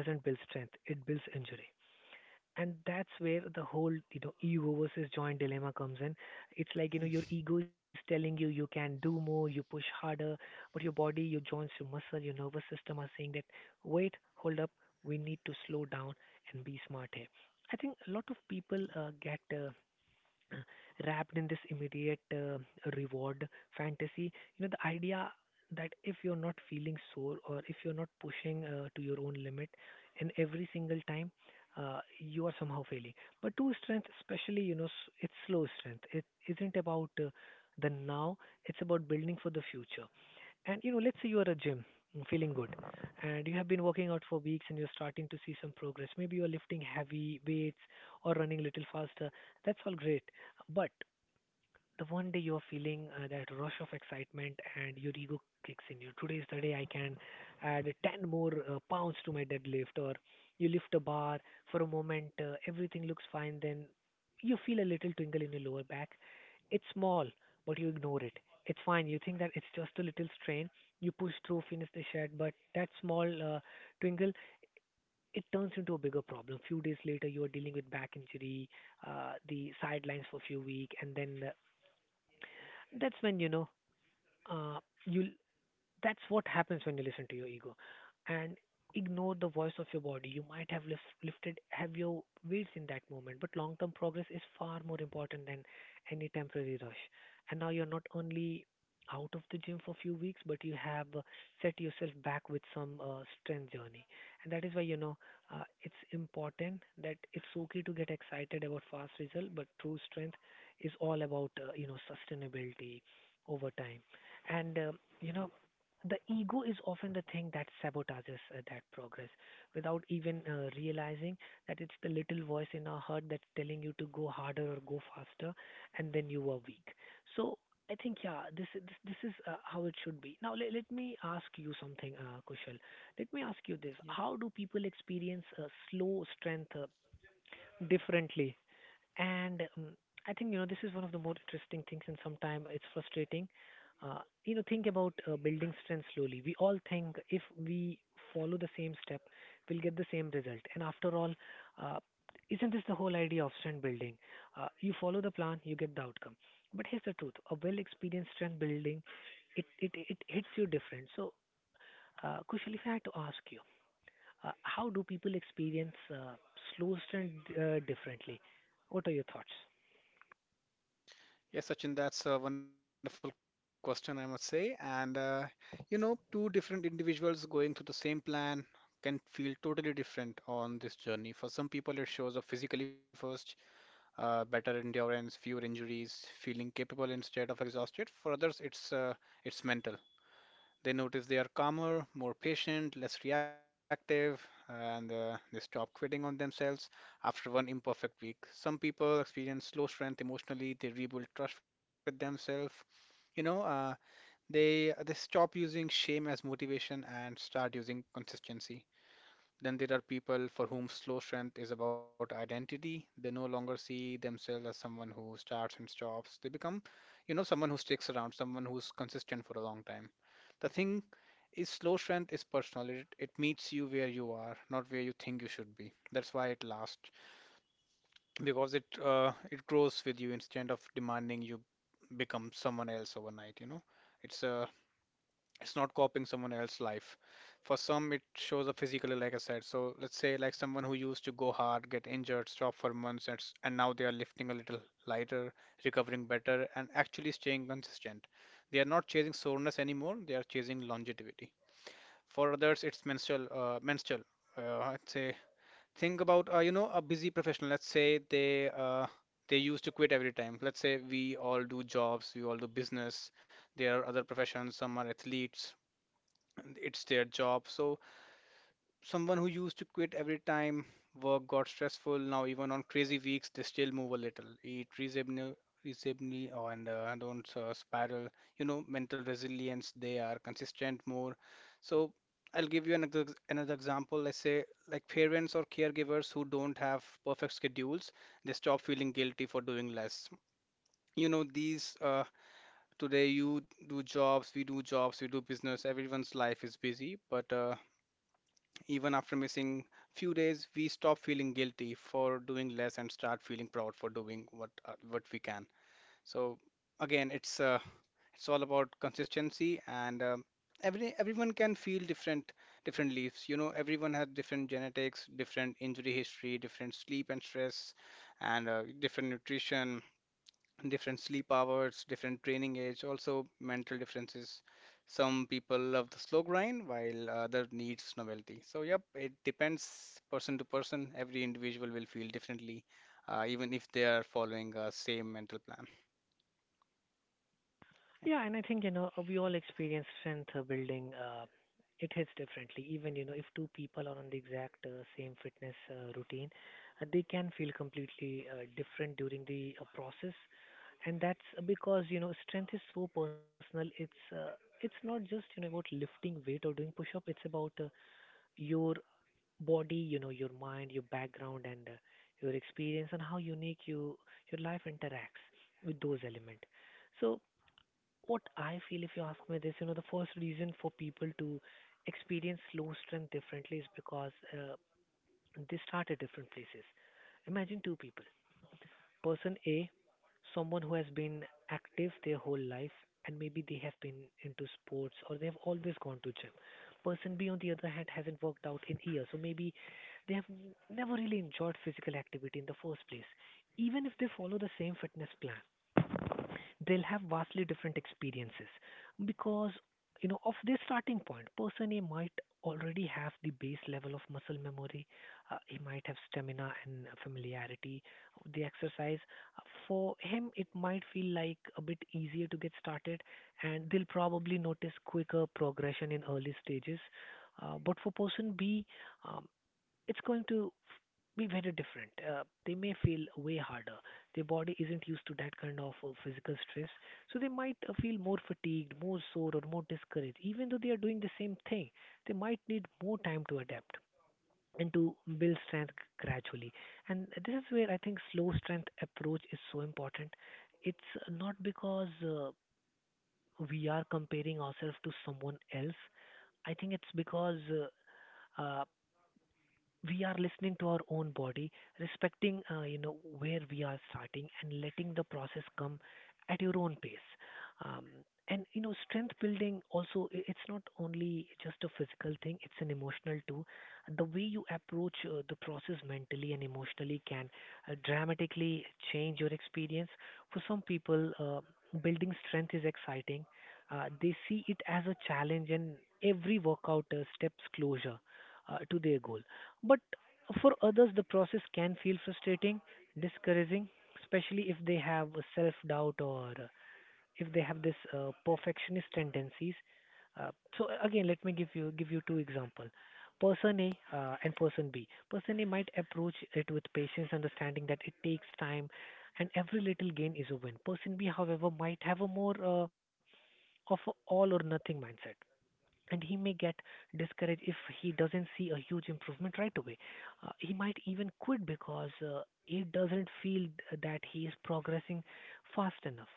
doesn't build strength, it builds injury. And that's where the whole ego versus joint dilemma comes in. It's like
Mm.
your ego is telling you you can do more, you push harder, but your body, your joints, your muscle, your nervous system are saying that, wait, hold up, we need to slow down and be smart here. I think a lot of people get wrapped in this immediate reward fantasy. You know, the idea that if you're not feeling sore, or if you're not pushing to your own limit in every single time, you are somehow failing. But true strength, especially, it's slow strength. It isn't about the now, it's about building for the future. And you know, let's say you are a gym, feeling good, and you have been working out for weeks and you're starting to see some progress. Maybe you're lifting heavy weights or running a little faster. That's all great. But the one day you're feeling that rush of excitement and your ego kicks in. You, today is the day I can add 10 more pounds to my deadlift, or you lift a bar. For a moment, everything looks fine, then you feel a little twinkle in your lower back. It's small, but you ignore it. It's fine. You think that it's just a little strain. You push through, finish the shed, but that small twinkle, it turns into a bigger problem. Few days later, you are dealing with back injury, the sidelines for a few weeks, and then that's when you know uh, you'll that's what happens when you listen to your ego and ignore the voice of your body. You might have lifted have your weights in that moment, but long term progress is far more important than any temporary rush. And now you're not only out of the gym for a few weeks, but you have set yourself back with some strength journey. And that is why, you know, it's important that it's okay to get excited about fast result, but true strength is all about, sustainability over time. And, you know, the ego is often the thing that sabotages that progress without even realizing that it's the little voice in our heart that's telling you to go harder or go faster, and then you are weak. So I think, yeah, this is how it should be. Now let me ask you something, Kushal, let me ask you this.
Yep.
How do people experience slow strength differently? And I think, you know, this is one of the more interesting things, and sometimes it's frustrating. Uh, you know, think about building strength slowly. We all think if we follow the same step, we'll get the same result. And after all, uh, isn't this the whole idea of strength building? You follow the plan, you get the outcome. But here's the truth: a well-experienced strength building, it hits you different. So, Kushal, if I had to ask you, how do people experience slow strength differently? What are your thoughts?
Yes, Sachin, that's a wonderful question, I must say. And, you know, two different individuals going through the same plan can feel totally different on this journey. For some people, it shows up physically first, better endurance, fewer injuries, feeling capable instead of exhausted. For others, it's mental. They notice they are calmer, more patient, less reactive, and they stop quitting on themselves after one imperfect week. Some people experience slow strength emotionally, they rebuild trust with themselves. You know, they stop using shame as motivation and start using consistency. Then there are people for whom slow strength is about identity. They no longer see themselves as someone who starts and stops. They become, you know, someone who sticks around, someone who's consistent for a long time. The thing is slow strength is personal. It meets you where you are, not where you think you should be. That's why it lasts because it grows with you instead of demanding you become someone else overnight. You know, it's a it's not copying someone else's life. For some, it shows up physically, like I said. So let's say like someone who used to go hard, get injured, stop for months, and now they are lifting a little lighter, recovering better, and actually staying consistent. They are not chasing soreness anymore. They are chasing longevity. For others, it's menstrual. Menstrual. I'd say think about you know, a busy professional. Let's say they used to quit every time. Let's say we all do jobs, we all do business. There are other professions. Some are athletes. And it's their job. So someone who used to quit every time work got stressful. Now, even on crazy weeks, they still move a little, eat reasonably, and don't spiral. You know, mental resilience, they are consistent more. So, I'll give you another example. Let's say, like parents or caregivers who don't have perfect schedules, they stop feeling guilty for doing less. You know, these today you do jobs, we do jobs, we do business, everyone's life is busy, but even after missing few days, we stop feeling guilty for doing less and start feeling proud for doing what we can. So again, it's all about consistency and everyone can feel different different leaves. You know, everyone has different genetics, different injury history, different sleep and stress, and different nutrition, different sleep hours, different training age, also mental differences. Some people love the slow grind while other needs novelty. So yep, it depends person to person. Every individual will feel differently, even if they are following a same mental plan.
Yeah, and I think, you know, we all experience strength building. It hits differently. Even, you know, if two people are on the exact same fitness routine, they can feel completely different during the process. And that's because, you know, strength is so personal. It's not just, you know, about lifting weight or doing push-up. It's about your body, you know, your mind, your background and your experience, and how unique you, your life interacts with those elements. So what I feel, if you ask me this, you know, the first reason for people to experience low strength differently is because they start at different places. Imagine two people. Person A, someone who has been active their whole life, and maybe they have been into sports, or they have always gone to gym. Person B, on the other hand, hasn't worked out in years, so maybe they have never really enjoyed physical activity in the first place. Even if they follow the same fitness plan, they'll have vastly different experiences, because you know of this starting point, person A might already have the base level of muscle memory. He might have stamina and familiarity of the exercise. For him it might feel like a bit easier to get started, and they'll probably notice quicker progression in early stages. But for person B, um, it's going to be very different. They may feel way harder. Their body isn't used to that kind of physical stress, so they might feel more fatigued, more sore, or more discouraged. Even though they are doing the same thing, they might need more time to adapt and to build strength gradually. And this is where I think slow strength approach is so important. It's not because we are comparing ourselves to someone else. I think it's because uh, uh, we are listening to our own body, respecting you know where we are starting, and letting the process come at your own pace. Um, and you know, strength building also, it's not only just a physical thing; it's an emotional too. The way you approach the process mentally and emotionally can dramatically change your experience. For some people, building strength is exciting. They see it as a challenge, and every workout steps closer to their goal. But for others, the process can feel frustrating, discouraging, especially if they have a self-doubt, or if they have this perfectionist tendencies. Uh, so again, let me give you two example. Person A and person B. Person A might approach it with patience, understanding that it takes time, and every little gain is a win. Person B, however, might have a more of a all or nothing mindset, and he may get discouraged if he doesn't see a huge improvement right away. He might even quit because he doesn't feel that he is progressing fast enough.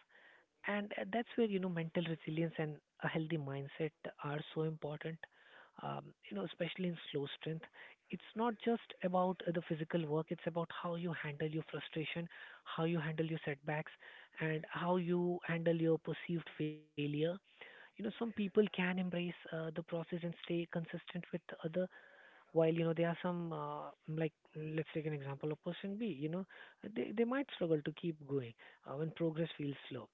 And that's where you know mental resilience and a healthy mindset are so important. Um, you know, especially in slow strength, it's not just about the physical work. It's about how you handle your frustration, how you handle your setbacks, and how you handle your perceived failure. Some people can embrace the process and stay consistent with the other, while there are some like, let's take an example of person B. They might struggle to keep going when progress feels slow.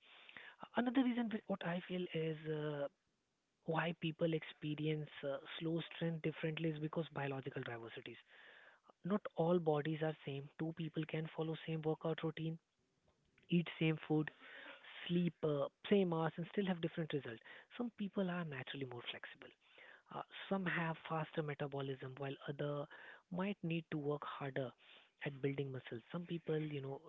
Another reason what I feel is why people experience slow strength differently is because biological diversities, not all bodies are same. Two people can follow same workout routine, eat same food, sleep same hours, and still have different results. Some people are naturally more flexible. Uh, some have faster metabolism, while other might need to work harder at building muscles. Some people,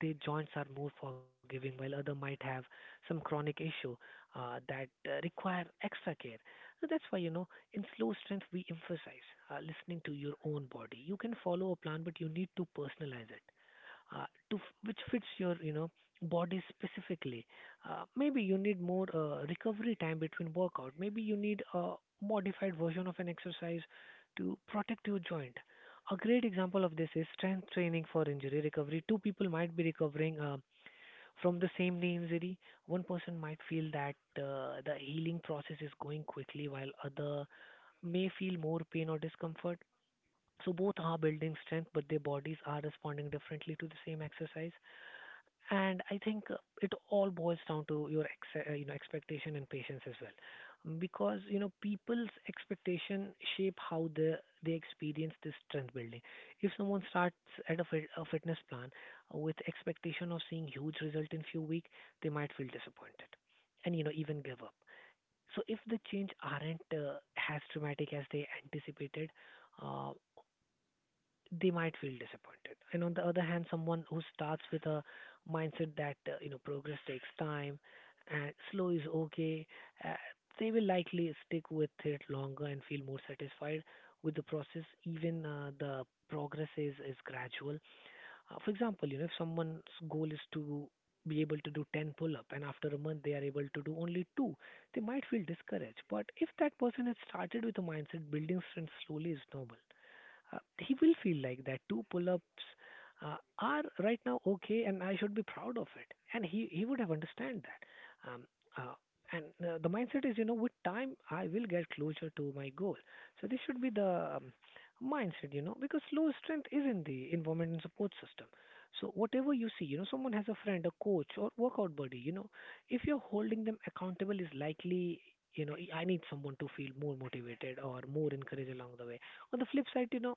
their joints are more forgiving, while other might have some chronic issue that require extra care. So that's why, in slow strength, we emphasize listening to your own body. You can follow a plan, but you need to personalize it uh, to which fits your, body specifically. Maybe you need more recovery time between workout. Maybe you need a modified version of an exercise to protect your joint. A great example of this is strength training for injury recovery. Two people might be recovering from the same knee injury. One person might feel that the healing process is going quickly, while other may feel more pain or discomfort. So both are building strength, but their bodies are responding differently to the same exercise. And I think it all boils down to your expectation and patience as well, because people's expectation shape how they experience this strength building. If someone starts at a, a fitness plan with expectation of seeing huge result in few weeks, they might feel disappointed, and even give up. So if the change aren't as dramatic as they anticipated, uh, they might feel disappointed. And on the other hand, someone who starts with a mindset that, progress takes time and slow is okay, uh, they will likely stick with it longer and feel more satisfied with the process, even the progress is gradual. For example, you know, if someone's goal is to be able to do 10 pull up and after a month they are able to do only two, they might feel discouraged. But if that person has started with a mindset building strength slowly is normal, he will feel like that two pull-ups are right now okay and I should be proud of it. And he would have understand that. Uh, and the mindset is, you know, with time I will get closer to my goal. So this should be the mindset, you know, because low strength is in the environment and support system. So whatever you see, you know, someone has a friend, a coach, or workout buddy, you know, if you're holding them accountable is likely, I need someone to feel more motivated or more encouraged along the way. On the flip side, you know,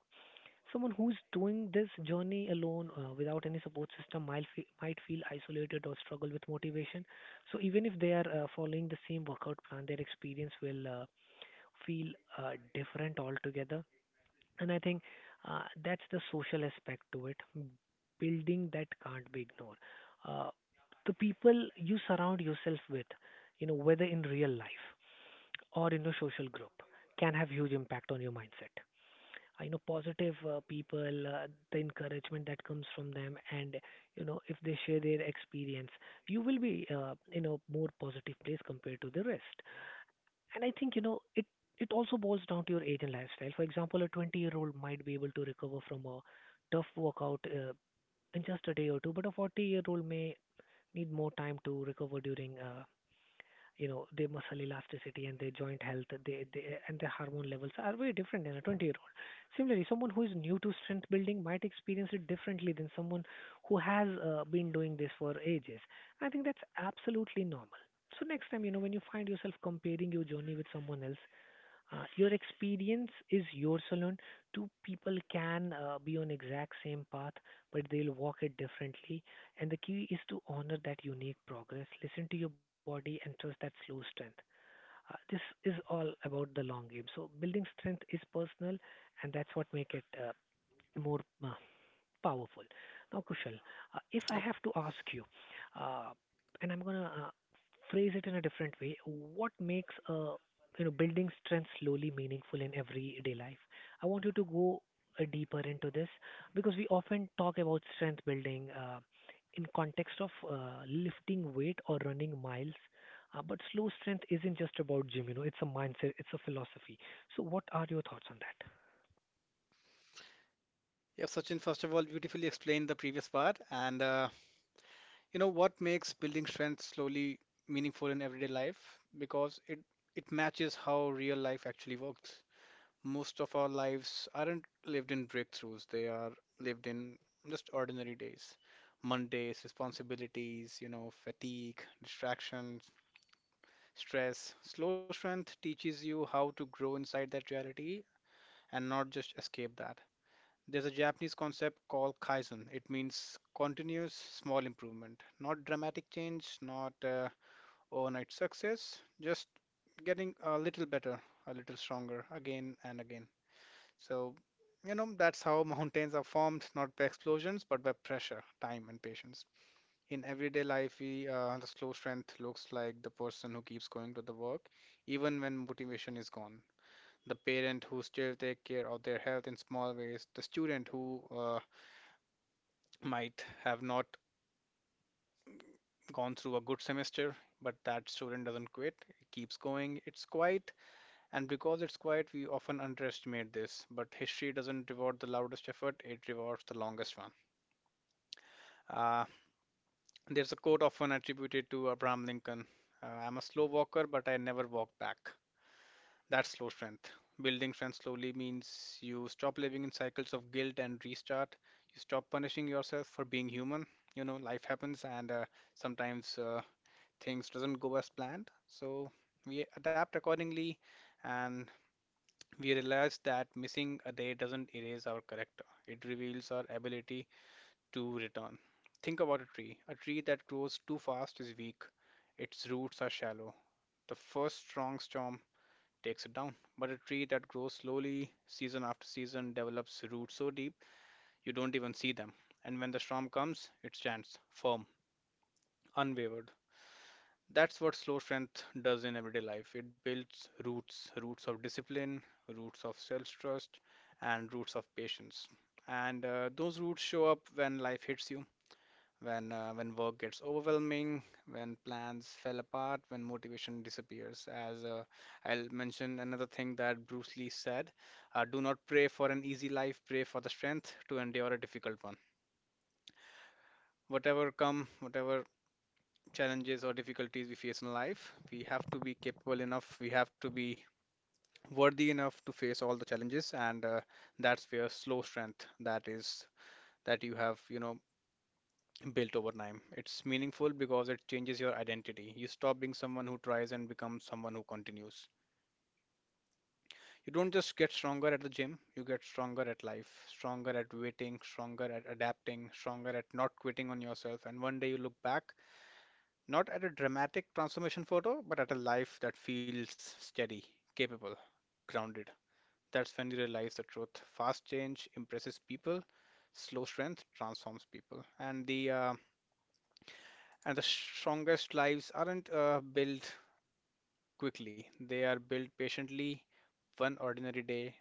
someone who's doing this journey alone without any support system might, might feel isolated or struggle with motivation. So even if they are following the same workout plan, their experience will feel different altogether. And I think that's the social aspect to it. Building that can't be ignored. Uh, the people you surround yourself with, you know, whether in real life or in a social group, can have huge impact on your mindset. I know positive people, the encouragement that comes from them, and you know if they share their experience, you will be in a more positive place compared to the rest. And I think, you know, it also boils down to your age and lifestyle. For example, a 20-year-old might be able to recover from a tough workout in just a day or two, but a 40-year-old may need more time to recover during, you know, their muscle elasticity and their joint health, and their hormone levels are very different than a 20-year-old. Similarly, someone who is new to strength building might experience it differently than someone who has been doing this for ages. I think that's absolutely normal. So next time, you know, when you find yourself comparing your journey with someone else, your experience is yours alone. Two people can be on exact same path, but they'll walk it differently. And the key is to honor that unique progress, listen to your body, and trust that slow strength. This is all about the long game. So building strength is personal, and that's what make it more powerful. Now, Kushal, if I have to ask
Yep.
you, uh, and I'm gonna phrase it in a different way, what makes you know building strength slowly meaningful in everyday life? I want you to go deeper into this, because we often talk about strength building in context of lifting weight or running miles. But slow strength isn't just about gym, you know, it's a mindset, it's a philosophy. So, what are your thoughts on that?
Yeah, Sachin, first of all, beautifully explained the previous part. And you know, what makes building strength slowly meaningful in everyday life? Because it matches how real life actually works. Most of our lives aren't lived in breakthroughs, they are lived in just ordinary days. Mondays, responsibilities, you know, fatigue, distractions, stress. Slow strength teaches you how to grow inside that reality and not just escape that. There's a Japanese concept called kaizen. It means continuous small improvement, not dramatic change, not overnight success, just getting a little better, a little stronger again and again. So, you know, that's how mountains are formed, not by explosions, but by pressure, time, and patience. In everyday life, the slow strength looks like the person who keeps going to the work, even when motivation is gone. The parent who still take care of their health in small ways, the student who might have not gone through a good semester, but that student doesn't quit, it keeps going, it's quiet, and because it's quiet, we often underestimate this. But history doesn't reward the loudest effort, it rewards the longest one. Uh, there's a quote often attributed to Abraham Lincoln: "I'm a slow walker, but I never walk back." That's slow strength. Building strength slowly means you stop living in cycles of guilt and restart. You stop punishing yourself for being human. You know, life happens and sometimes things doesn't go as planned. So we adapt accordingly and we realize that missing a day doesn't erase our character. It reveals our ability to return. Think about a tree. A tree that grows too fast is weak, its roots are shallow. The first strong storm takes it down. But a tree that grows slowly, season after season, develops roots so deep you don't even see them. And when the storm comes, it stands firm, unwavered. That's what slow strength does in everyday life. It builds roots, roots of discipline, roots of self trust, and roots of patience. And those roots show up when life hits you, when work gets overwhelming, when plans fell apart, when motivation disappears. As I'll mention another thing that Bruce Lee said, "Do not pray for an easy life, pray for the strength to endure a difficult one." Whatever come, whatever challenges or difficulties we face in life, we have to be capable enough, we have to be worthy enough to face all the challenges, and that's where slow strength, that is, that you have, you know, built over time. It's meaningful because it changes your identity. You stop being someone who tries and become someone who continues. You don't just get stronger at the gym, you get stronger at life, stronger at waiting, stronger at adapting, stronger at not quitting on yourself. And one day you look back, not at a dramatic transformation photo, but at a life that feels steady, capable, grounded. That's when you realize the truth. Fast change impresses people, slow strength transforms people. And the strongest lives aren't built quickly, they are built patiently, one ordinary day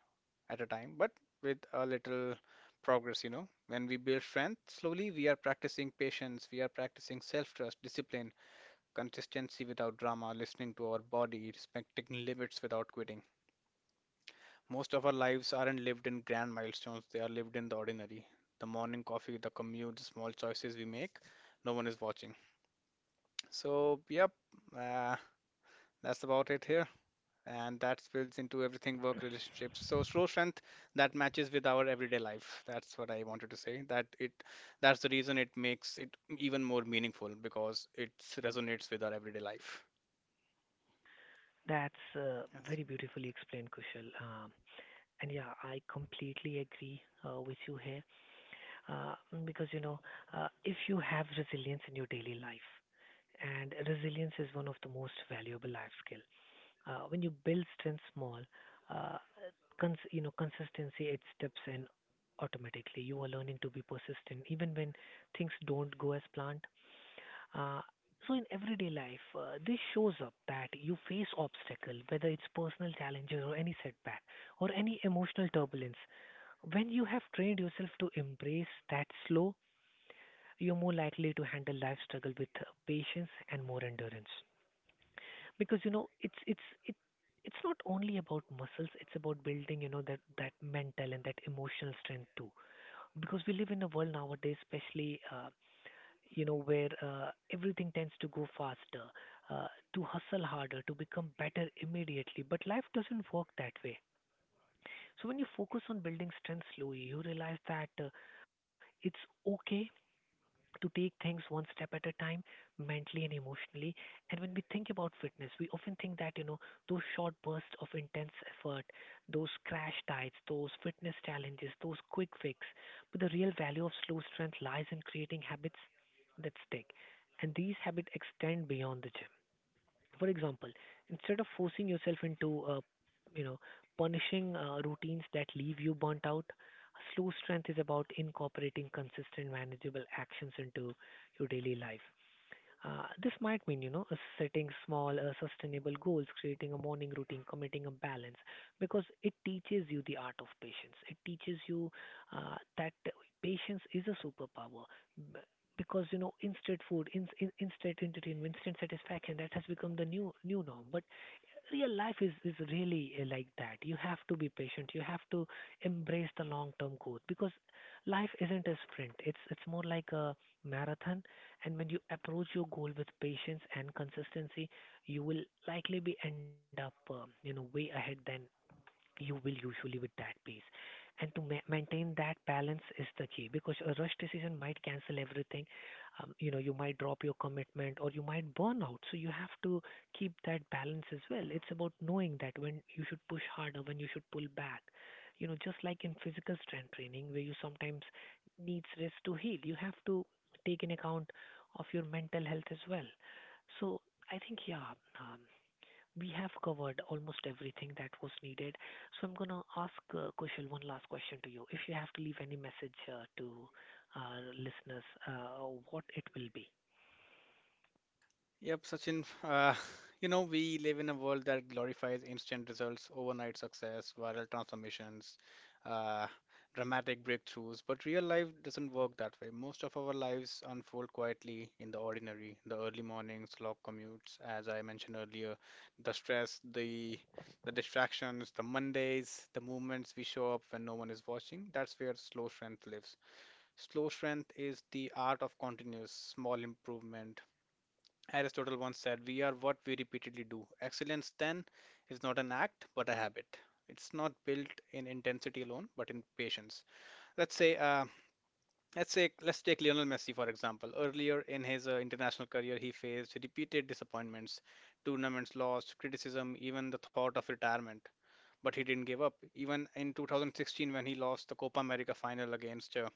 at a time, but with a little progress. When we build strength slowly, we are practicing patience, we are practicing self trust, discipline, consistency without drama, listening to our body, respecting limits without quitting. Most of our lives aren't lived in grand milestones, they are lived in the ordinary. The morning coffee, the commute, the small choices we make, no one is watching. So, yep, uh, that's about it here. And that spills into everything, work, relationships. So slow strength that matches with our everyday life. That's what I wanted to say. That's the reason it makes it even more meaningful because it resonates with our everyday life.
That's
Yes.
very beautifully explained, Kushal. And yeah, I completely agree with you here, uh, because you know, if you have resilience in your daily life, and resilience is one of the most valuable life skill. When you build strength small, uh, you know, consistency it steps in automatically. You are learning to be persistent even when things don't go as planned. Uh, so in everyday life, this shows up that you face obstacle, whether it's personal challenges or any setback or any emotional turbulence. When you have trained yourself to embrace that slow, you're more likely to handle life struggle with patience and more endurance. Because you know, it, it's not only about muscles; it's about building you know that mental and that emotional strength too, because we live in a world nowadays, especially, you know, where everything tends to go faster, uh, to hustle harder, to become better immediately. But life doesn't work that way. So when you focus on building strength slowly, you realize that it's okay to take things one step at a time, mentally and emotionally. And when we think about fitness, we often think that, you know, those short bursts of intense effort, those crash diets, those fitness challenges, those quick fix. But the real value of slow strength lies in creating habits that stick. And these habits extend beyond the gym. For example, instead of forcing yourself into, you know, punishing routines that leave you burnt out, slow strength is about incorporating consistent, manageable actions into your daily life. This might mean, you know, setting small, sustainable goals, creating a morning routine, committing a balance, because it teaches you the art of patience. It teaches you that patience is a superpower. B- Because you know, instant food, instant entertainment, instant satisfaction, that has become the new norm. But real life is really like that, you have to be patient, you have to embrace the long term growth, because life isn't a sprint, it's more like a marathon. And when you approach your goal with patience and consistency, you will likely be end up, you know, way ahead than you will usually with that pace. And to maintain that balance is the key, because a rush decision might cancel everything. You know, you might drop your commitment or you might burn out. So you have to keep that balance as well. It's about knowing that when you should push harder, when you should pull back. You know, just like in physical strength training where you sometimes needs rest to heal, you have to take in account of your mental health as well. So I think yeah, um, we have covered almost everything that was needed. So I'm gonna ask Kushal one last question to you. If you have to leave any message to our listeners, what it will be?
Yep, Sachin. You know, we live in a world that glorifies instant results, overnight success, viral transformations, uh, dramatic breakthroughs. But real life doesn't work that way. Most of our lives unfold quietly in the ordinary, the early mornings, long commutes, as I mentioned earlier, the stress, the distractions, the Mondays, the moments we show up when no one is watching. That's where slow strength lives. Slow strength is the art of continuous small improvement. Aristotle once said, "We are what we repeatedly do. Excellence, then, is not an act, but a habit." It's not built in intensity alone, but in patience. Let's say, uh, let's say, let's take Lionel Messi for example. Earlier in his international career, he faced repeated disappointments, tournaments lost, criticism, even the thought of retirement. But he didn't give up. Even in 2016, when he lost the Copa America final against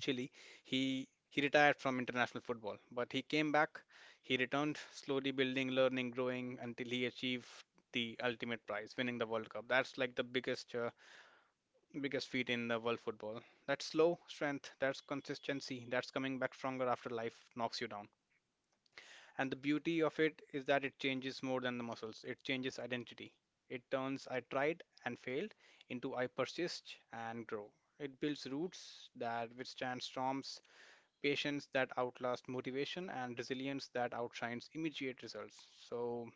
Chile. He retired from international football, but he came back. He returned, slowly building, learning, growing until he achieved the ultimate prize, winning the World Cup. That's like the biggest feat in the world football. That's slow strength, that's consistency, that's coming back stronger after life knocks you down. And the beauty of it is that it changes more than the muscles. It changes identity. It turns, "I tried and failed," into, "I persist and grow." It builds roots that withstand storms, patience that outlasts motivation, and resilience that outshines immediate results. So,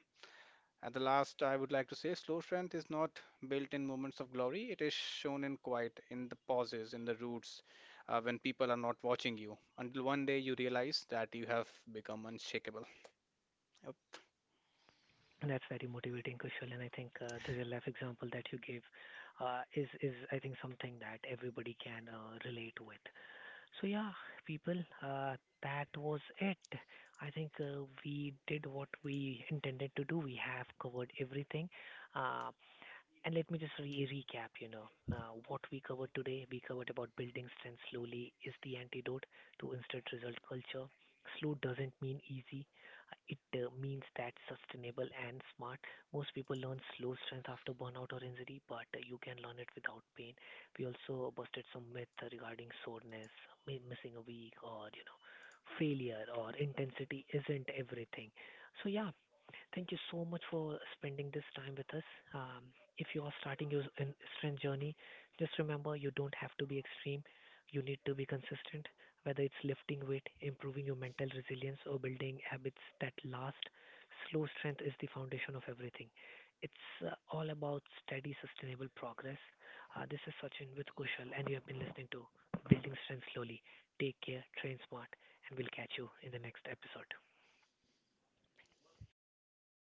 at the last, I would like to say slow strength is not built in moments of glory, it is shown in quiet, in the pauses, in the roots, when people are not watching you, until one day you realize that you have become unshakable.
And that's very motivating, Kushal, and I think the real life example that you gave is I think something that everybody can relate with. So yeah, people, uh, that was it. I think we did what we intended to do. We have covered everything. Uh, And let me just recap, you know, what we covered today. We covered about building strength slowly is the antidote to instant result culture. Slow doesn't mean easy. It means that sustainable and smart. Most people learn slow strength after burnout or injury, but you can learn it without pain. We also busted some myth regarding soreness, missing a week, or you know, failure or intensity isn't everything. So yeah, thank you so much for spending this time with us. Um, if you are starting your strength journey, just remember you don't have to be extreme. You need to be consistent, whether it's lifting weight, improving your mental resilience, or building habits that last. Slow strength is the foundation of everything. It's all about steady, sustainable progress. This is Sachin with Kushal, and you have been listening to Building Strength Slowly. Take care, train smart, and we'll catch you in the next episode.